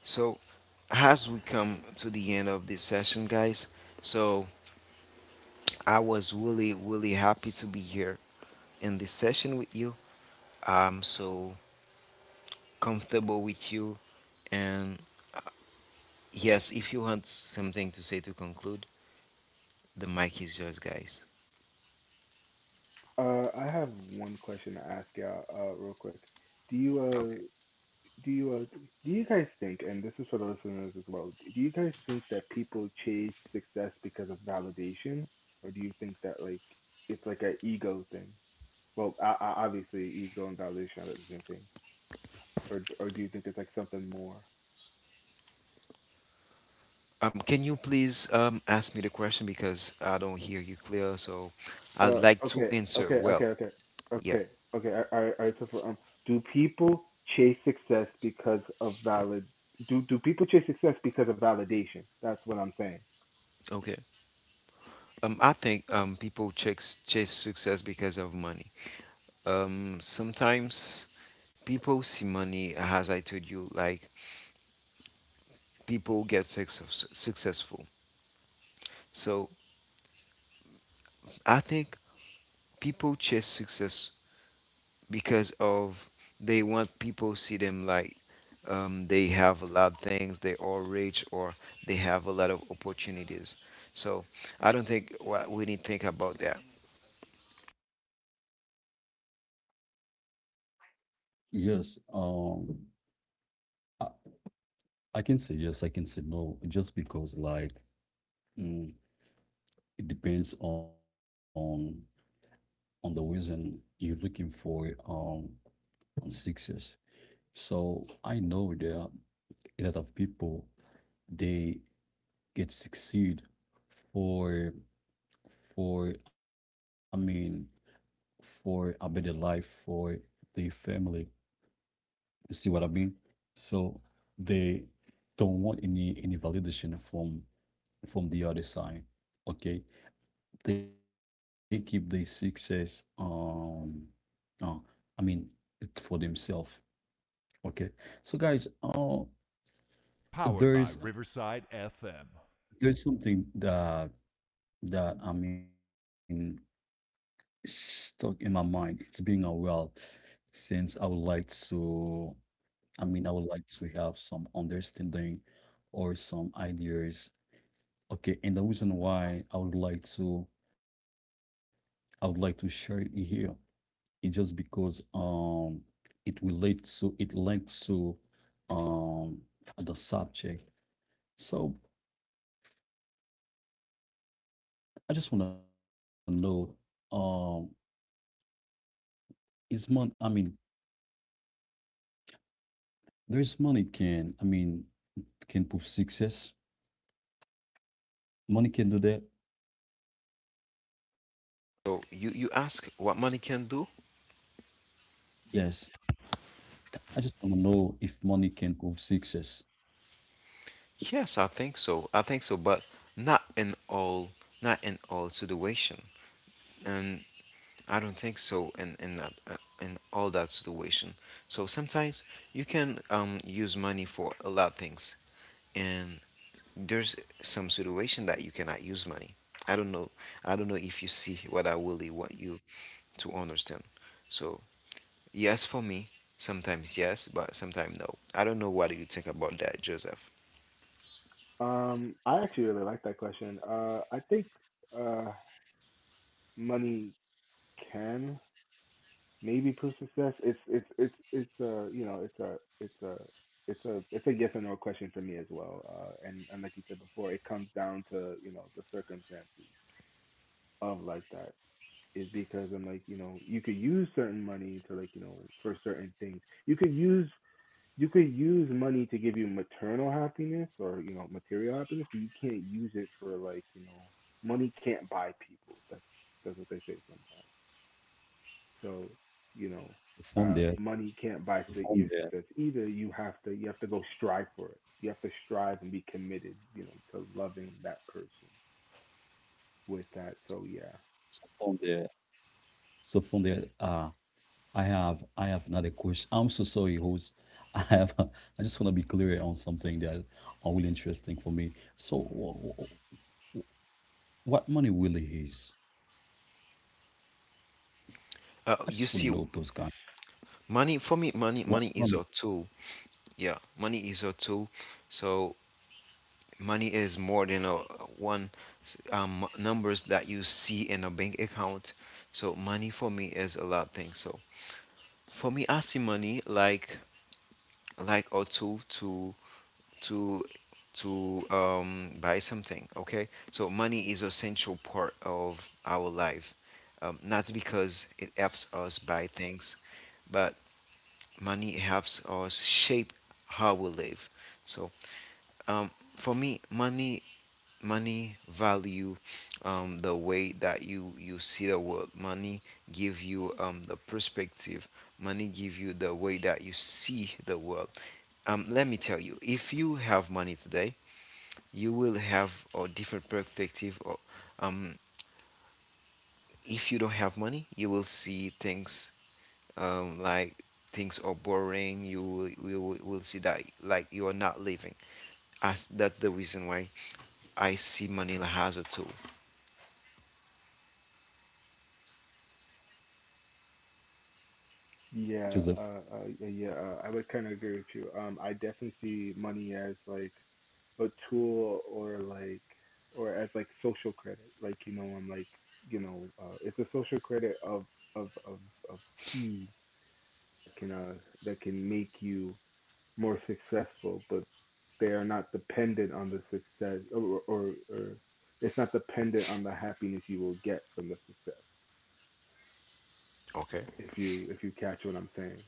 [SPEAKER 1] So, as we come to the end of this session, guys, so I was really, really happy to be here in this session with you. I'm so comfortable with you. And yes, if you want something to say to conclude, the mic is yours, guys.
[SPEAKER 3] I have one question to ask y'all real quick. Do you
[SPEAKER 1] Okay.
[SPEAKER 3] uh do you uh, do you guys think, and this is for the listeners as well, do you guys think that people chase success because of validation, or do you think that like it's like an ego thing? Well, obviously, ego and validation are the same thing, or do you think it's like something more?
[SPEAKER 1] Can you please ask me the question, because I don't hear you clear? So I'd
[SPEAKER 3] Uh,
[SPEAKER 1] like to
[SPEAKER 3] okay,
[SPEAKER 1] answer
[SPEAKER 3] okay, okay,
[SPEAKER 1] well.
[SPEAKER 3] okay,
[SPEAKER 1] Yeah.
[SPEAKER 3] okay, okay. All right, all right. So for do people chase success because of valid? Do people chase success because of validation? That's what I'm saying.
[SPEAKER 1] Okay. I think people chase success because of money. Sometimes people see money as I told you, like people get success, successful. So I think people chase success because of they want people see them like they have a lot of things, they are rich, or they have a lot of opportunities. So I don't think what we need to think about that.
[SPEAKER 2] Yes, I, I can say yes, I can say no, just because like mm, it depends on the reason you're looking for on success. So I know there are a lot of people they get succeed for for I mean for a better life for their family. You see what I mean? So they don't want any validation from the other side. Okay, they keep their success. Uh, I mean, it's for themselves. Okay, so guys, there's there's something that I mean stuck in my mind. It's been a while since I would like to, I mean, I would like to have some understanding or some ideas. Okay, and the reason why I would like to share it here is just because it relates to, it links to um the subject. So I just want to know um is money, I mean, there's money can, I mean, can prove success. Money can do that.
[SPEAKER 1] So you ask what money can do.
[SPEAKER 2] Yes. I just want to know if money can prove success. So
[SPEAKER 1] Yes, I think so, I think so, but not in all, not in all situation. And I don't think so in that in all that situation. So sometimes you can use money for a lot of things, and there's some situation that you cannot use money. I don't know. I don't know if you see what I really want you to understand. So yes, for me, sometimes yes, but sometimes no. I don't know what do you think about that, Joseph.
[SPEAKER 3] I actually really like that question. I think uh, money can maybe prove success. It's a you know, it's it's a a it's a yes or no question for me as well. And like you said before, it comes down to, you know, the circumstances of like that, is because I'm like, you know, you could use certain money to, like, you know, for certain things. You could use you could use money to give you maternal happiness, or, you know, material happiness, but you can't use it for, like, you know, money can't buy people. That's what they say sometimes. So, you
[SPEAKER 2] from
[SPEAKER 3] know,
[SPEAKER 2] there,
[SPEAKER 3] money
[SPEAKER 2] so
[SPEAKER 3] can't
[SPEAKER 2] from
[SPEAKER 3] buy
[SPEAKER 2] there,
[SPEAKER 3] su- your success either. You have to go strive for it. You have to strive and be committed, you know, to loving that person with that.
[SPEAKER 2] so
[SPEAKER 3] So
[SPEAKER 2] from
[SPEAKER 3] yeah.
[SPEAKER 2] there, so from there, I have another question. I'm so sorry, host. I have I just want to be clear on something that are really interesting for me. So, wh- what money really is? I just want to know those
[SPEAKER 1] You
[SPEAKER 2] kind.
[SPEAKER 1] see, money for
[SPEAKER 2] What
[SPEAKER 1] me,
[SPEAKER 2] money,
[SPEAKER 1] money is a tool. Yeah, money is a tool. So money is more than a one numbers that you see in a bank account. So money for me is a lot of things. So for me, I see money like a tool to to buy something. Okay, so money is essential part of our life. Not because it helps us buy things, but money helps us shape how we live. So um, for me, money value, the way that you see the world. Money give you the perspective, money give you the way that you see the world. Let me tell you, if you have money today you will have a different perspective. Or um, if you don't have money you will see things like things are boring. You will, will see that like you are not living. As that's the reason why I see money as a tool.
[SPEAKER 2] Joseph?
[SPEAKER 3] Yeah, I would kind of agree with you. I definitely see money as like a tool, or like, or as like social credit, like, you know, it's a social credit of of of of keys that can uh that can make you more successful, but they are not dependent on the success, or it's not dependent on the happiness you will get from the success,
[SPEAKER 1] Okay.
[SPEAKER 3] if you catch what I'm saying.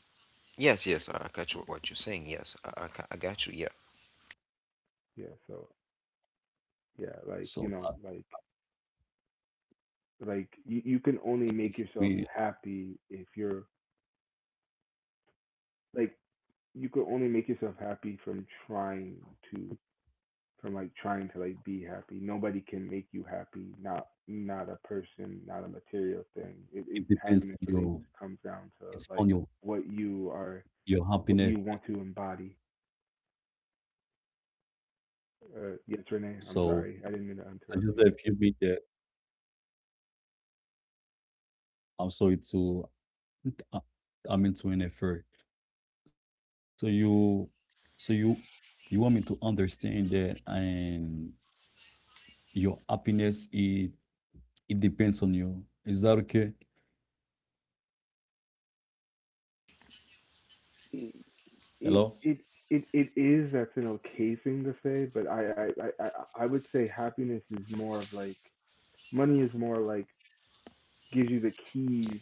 [SPEAKER 1] Yes, yes, I catch what you're saying. Yes, I got you. Yeah.
[SPEAKER 3] Yeah, so yeah, like, you know, like
[SPEAKER 2] So, I
[SPEAKER 3] you, you can only make yourself
[SPEAKER 2] mean,
[SPEAKER 3] happy if you're, like you could only make yourself happy from trying to, from like trying to like be happy. Nobody can make you happy. Not a person, not a material thing. It
[SPEAKER 2] it depends
[SPEAKER 3] Happiness
[SPEAKER 2] on
[SPEAKER 3] really
[SPEAKER 2] your.
[SPEAKER 3] just comes down to like
[SPEAKER 2] It's on
[SPEAKER 3] what you are,
[SPEAKER 2] your happiness.
[SPEAKER 3] what you want to embody. Yes, Renee. I'm
[SPEAKER 2] So,
[SPEAKER 3] sorry, I didn't mean to
[SPEAKER 2] I
[SPEAKER 3] interrupt
[SPEAKER 2] just said if you be there, I'm sorry to uh, I mean to interfere. So so you you want me to understand that and your happiness, it depends on you. Is that okay?
[SPEAKER 3] you. It
[SPEAKER 2] Hello?
[SPEAKER 3] it it it is, that's an okay thing to say, but I would say happiness is more of like, money is more like, gives you the keys,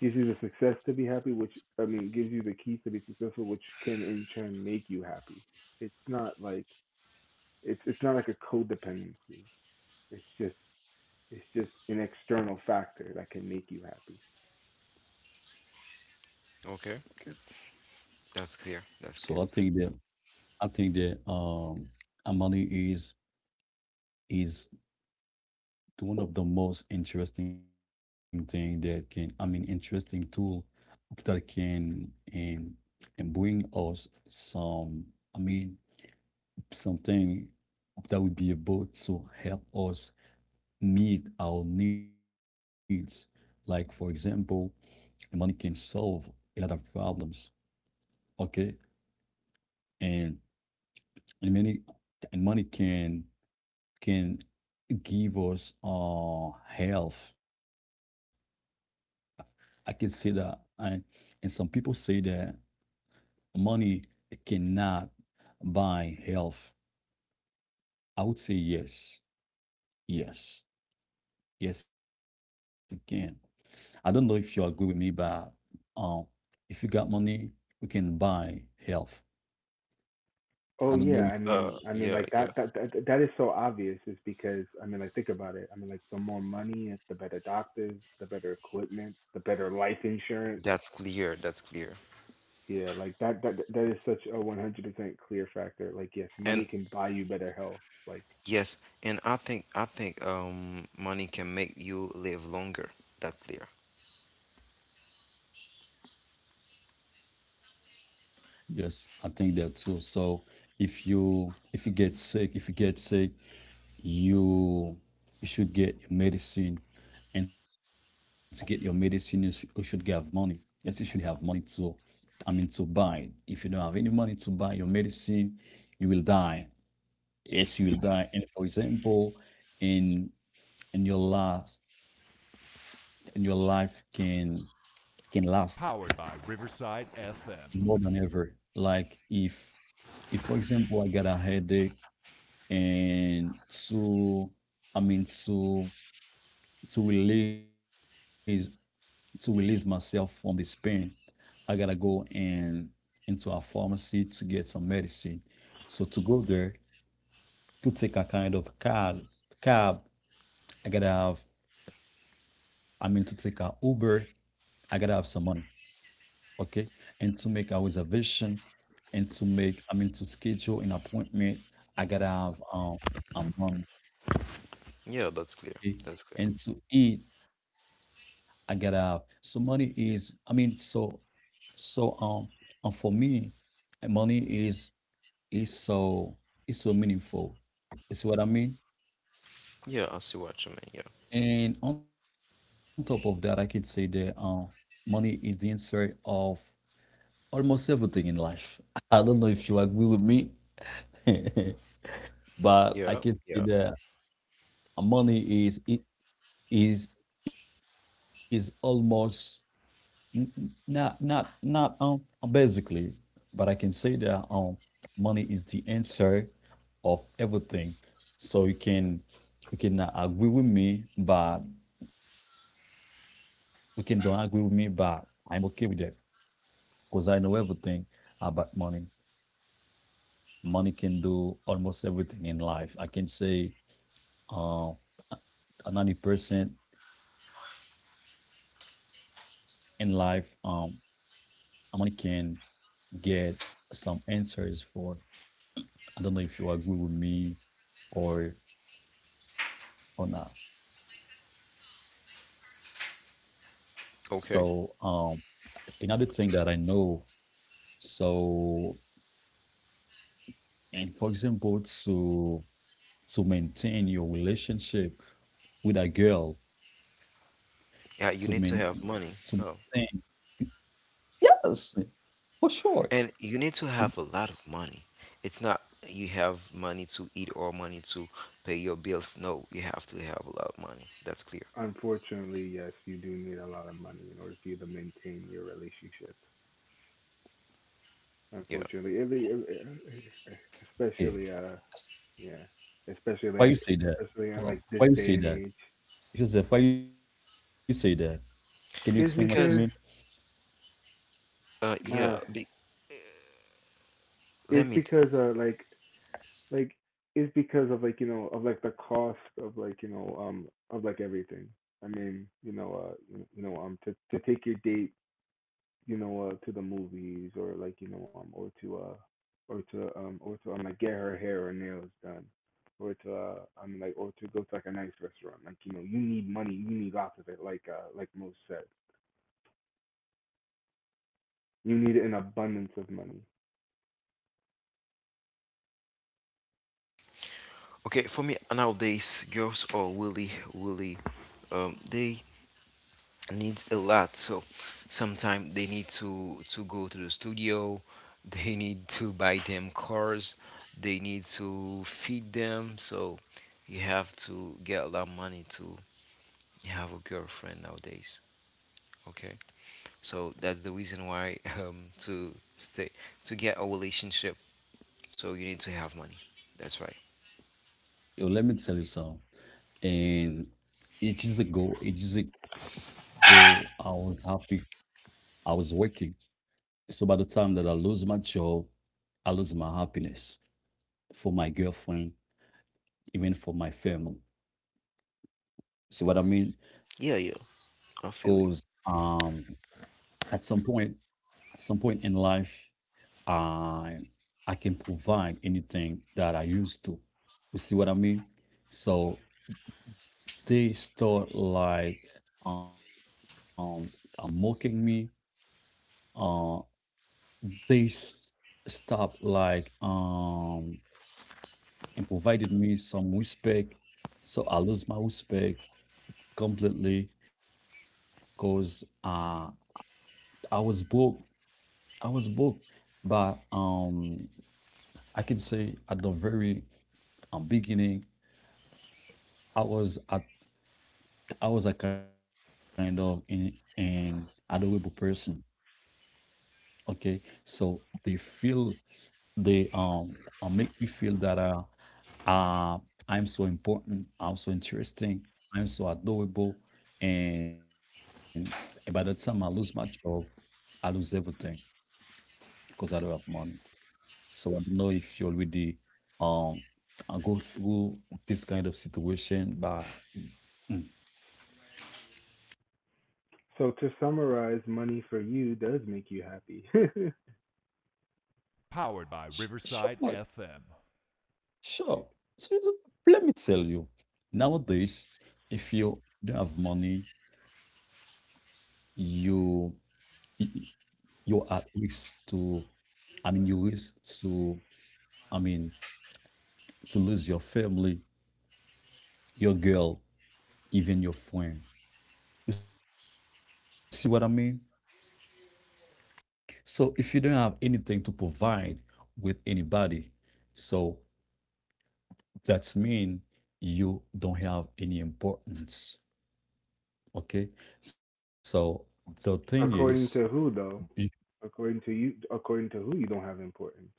[SPEAKER 3] gives you the success to be happy, which, I mean, gives you the keys to be successful, which can in turn make you happy. It's not like, it's not like a codependency. It's just it's just an external factor that can make you happy.
[SPEAKER 1] Okay.
[SPEAKER 2] Okay.
[SPEAKER 1] That's clear. That's
[SPEAKER 2] So
[SPEAKER 1] clear.
[SPEAKER 2] I think that I think that um Amani is is one of the most interesting thing that can, I mean, interesting tool that can and bring us some, I mean, something that would be able to help us meet our needs. Like for example, money can solve a lot of problems. Okay, and and many and money can give us health, I can say that. And some people say that money cannot buy health. I would say yes, yes, yes, it can. I don't know if you agree with me, but um, if you got money, we can buy health. I
[SPEAKER 3] Oh
[SPEAKER 2] don't
[SPEAKER 3] yeah,
[SPEAKER 2] know.
[SPEAKER 3] I mean,
[SPEAKER 1] Yeah,
[SPEAKER 3] like
[SPEAKER 1] yeah.
[SPEAKER 3] that that is so obvious, is because, I mean, like think about it. I mean, like the more money, the better doctors, the better equipment, the better life insurance.
[SPEAKER 1] That's clear. That's clear.
[SPEAKER 3] Yeah, like that that is such a 100% clear factor. Like yes, money
[SPEAKER 1] And
[SPEAKER 3] can buy you better health. Like,
[SPEAKER 1] yes, and I think money can make you live longer. That's clear.
[SPEAKER 2] Yes, I think that too. So if you get sick, if you get sick, you you should get your medicine. And to get your medicine you, you should have money. Yes, you should have money to, to buy, if you don't have any money to buy your medicine, you will die. Yes, you will die. And for example, in in your last, in your life can last more than ever. Like if for example I got a headache, and to i mean to to release to release myself from this pain, I gotta go and into a pharmacy to get some medicine. So to go there, to take a kind of cab, I gotta have, I mean, to take a Uber, I gotta have some money, okay? And to make a reservation, and to make, I mean, to schedule an appointment, I gotta have a money,
[SPEAKER 1] Yeah, that's clear.
[SPEAKER 2] okay?
[SPEAKER 1] That's clear.
[SPEAKER 2] And to eat, I gotta have. So money is, I mean, so. So and for me, money is is so is so meaningful. You see what I mean?
[SPEAKER 1] Yeah, I see what you mean. Yeah.
[SPEAKER 2] And on top of that, I could say that money is the answer of almost everything in life. I don't know if you agree with me, but I
[SPEAKER 1] Yeah,
[SPEAKER 2] can say
[SPEAKER 1] yeah.
[SPEAKER 2] that money is it is is almost N- not, not, not, basically, but I can say that, money is the answer of everything. So you cannot agree with me, but you can don't agree with me, but I'm okay with that because I know everything about money. Money can do almost everything in life. I can say, uh, 90% in life, money can get some answers for. I don't know if you agree with me or or not. So
[SPEAKER 1] Okay.
[SPEAKER 2] another thing that I know, so and for example to maintain your relationship with a girl, to main
[SPEAKER 1] Yeah, you need to
[SPEAKER 2] to
[SPEAKER 1] have money. Oh.
[SPEAKER 2] maintain, yes, for
[SPEAKER 1] And
[SPEAKER 2] sure.
[SPEAKER 1] you need to have a lot of money. It's not you have money to eat or money to pay your bills. No, you have to have a lot of money. That's clear.
[SPEAKER 3] unfortunately, yes, you do need a lot of money in order for you to maintain your relationship.
[SPEAKER 1] Yeah,
[SPEAKER 3] Unfortunately,
[SPEAKER 2] Okay.
[SPEAKER 3] especially
[SPEAKER 2] that's-
[SPEAKER 3] yeah,
[SPEAKER 2] Why you
[SPEAKER 3] especially
[SPEAKER 2] say that?
[SPEAKER 3] especially in
[SPEAKER 2] Well,
[SPEAKER 3] like
[SPEAKER 2] why
[SPEAKER 3] this
[SPEAKER 2] you
[SPEAKER 3] day
[SPEAKER 2] say
[SPEAKER 3] and
[SPEAKER 2] that?
[SPEAKER 3] age,
[SPEAKER 2] Joseph, why you say that? Can you explain what you mean?
[SPEAKER 3] it's
[SPEAKER 1] because
[SPEAKER 3] because
[SPEAKER 1] yeah,
[SPEAKER 3] uh,
[SPEAKER 1] be, let
[SPEAKER 3] it's
[SPEAKER 1] me. T-
[SPEAKER 3] because like, like it's because of, like, you know, of like the cost of, like, you know, of like everything. I mean, you know, you, you know, to take your date, you know, to the movies, or like, you know, or to or to or to like get her hair or nails done, or to I mean like, or to go to like a nice restaurant. Like, you know, you need money. You need lots of it. Like most said, you need an abundance of money.
[SPEAKER 1] okay, for me nowadays, girls are really, really, they need a lot. So sometimes they need to go to the studio. They need to buy them cars. They need to feed them. So you have to get a lot of money to have a girlfriend nowadays. Okay, so that's the reason why to stay to get a relationship. So you need to have money. That's right.
[SPEAKER 2] Yo, let me tell you something. And ages ago, I was happy. I was working. So by the time that I lose my job, I lose my happiness for my girlfriend, even for my family. See what I mean?
[SPEAKER 1] Yeah, yeah.
[SPEAKER 2] Because
[SPEAKER 1] I feel you.
[SPEAKER 2] at some point, at some point in life, I I can provide anything that I used to. You see what I mean? So they start like um, mocking me. Uh, They s- stopped like and provided me some respect. So I lost my respect completely because I was broke. I was broke. But I can say at the very beginning I was at I was a kind of an adorable person. Okay. So they feel They make me feel that uh I'm so important, I'm so interesting, I'm so adorable, and by the time I lose my job, I lose everything because I don't have money. So I don't know if you already um I go through this kind of situation, but. Mm, mm.
[SPEAKER 3] So to summarize, money for you does make you happy.
[SPEAKER 2] Sure, sure. So, so let me tell you, nowadays, if you don't have money, you y- you are at risk to, I mean, you risk to, I mean, to lose your family, your girl, even your friend. You see what I mean? So if you don't have anything to provide with anybody, so that's mean you don't have any importance. Okay? So the thing
[SPEAKER 3] According
[SPEAKER 2] is,
[SPEAKER 3] to who though?
[SPEAKER 2] you
[SPEAKER 3] According to you, according to who you don't have importance.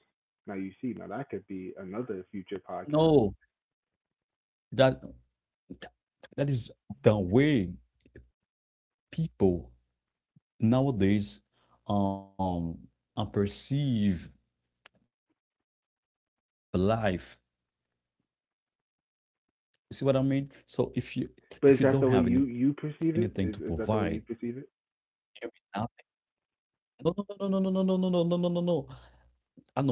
[SPEAKER 3] Now you see, now that could be another future podcast.
[SPEAKER 2] know that is the way people nowadays um and perceive life. You see what I mean? So if you don't have any
[SPEAKER 3] But is that the way
[SPEAKER 2] anything to
[SPEAKER 3] you
[SPEAKER 2] provide,
[SPEAKER 3] perceive it? Is that the way you
[SPEAKER 2] you
[SPEAKER 3] perceive it?
[SPEAKER 2] will nothing. No, no, no, no, no, no, no, no, no, no, no, no, no. I know my value,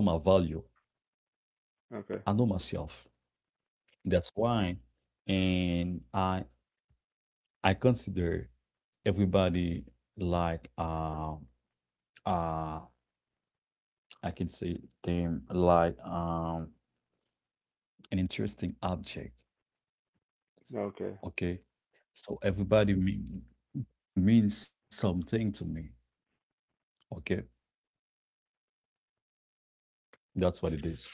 [SPEAKER 2] I know
[SPEAKER 3] Okay.
[SPEAKER 2] myself, that's why. And I consider everybody like uh I can say them like an interesting object.
[SPEAKER 3] Okay.
[SPEAKER 2] Okay, so everybody mean means something to me. Okay, that's what it is.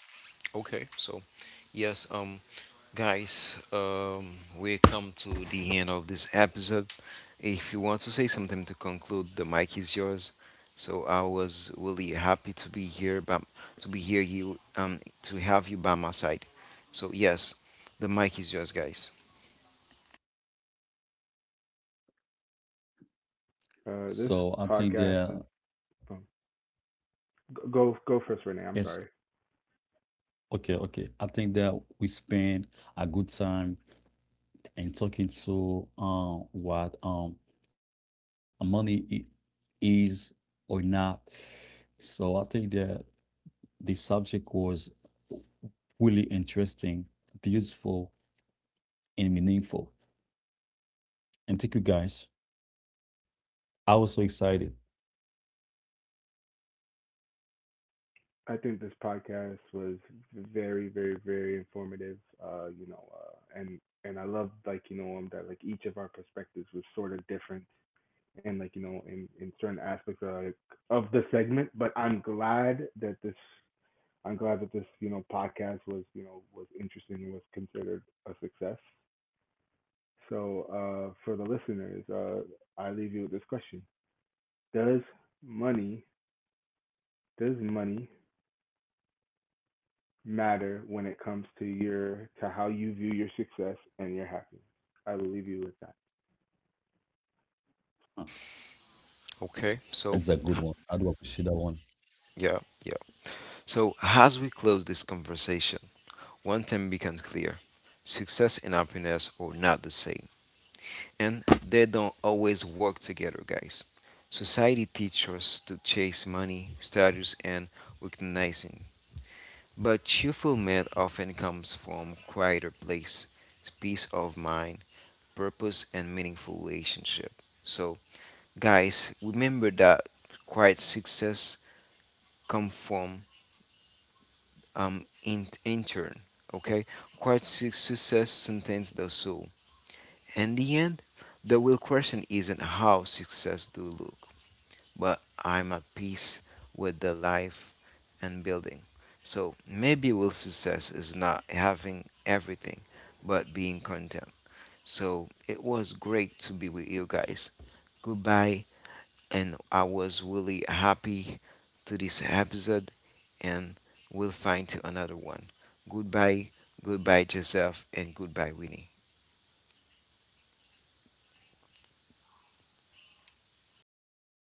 [SPEAKER 1] Okay, so yes, guys, we come to the end of this episode. If you want to say something to conclude, the mic is yours. So I was really happy to be here, but to be here, you to have you by my side. So yes, the mic is yours, guys.
[SPEAKER 3] This
[SPEAKER 2] So I think
[SPEAKER 3] podcast is
[SPEAKER 2] that,
[SPEAKER 3] um, go first, Renee. I'm sorry.
[SPEAKER 2] yes, okay, okay. I think that we spend a good time and talking to what money is or not. So I think that the subject was really interesting, beautiful, and meaningful. And thank you guys. I was so excited.
[SPEAKER 3] I think this podcast was very, very, very informative. You know, and I love like, you know, that like each of our perspectives was sort of different, and like, you know, in certain aspects of like, of the segment. But I'm glad that this, I'm glad that this, you know, podcast was, you know, was interesting and was considered a success. So, for the listeners, I leave you with this question: does money, does money matter when it comes to your, to how you view your success and your happiness? I will leave you with that.
[SPEAKER 2] Huh,
[SPEAKER 1] Okay, so
[SPEAKER 2] that is
[SPEAKER 1] ha-
[SPEAKER 2] a good one. I do appreciate that
[SPEAKER 1] yeah,
[SPEAKER 2] one.
[SPEAKER 1] yeah. So as we close this conversation, one thing becomes clear: success and happiness are not the same, and they don't always work together, guys. Society teaches us to chase money, status, and recognizing, but fulfillment often comes from a quieter place, peace of mind, purpose, and meaningful relationship. So, guys, remember that quiet success comes from in intern. Okay, quiet success sustains the soul. In the end, the real question isn't how success do look, but I'm at peace with the life and building. So maybe real success is not having everything, but being content. So it was great to be with you guys. Goodbye, and I was really happy to this episode, and we'll find to another one. Goodbye, goodbye, Joseph, and goodbye, Winnie.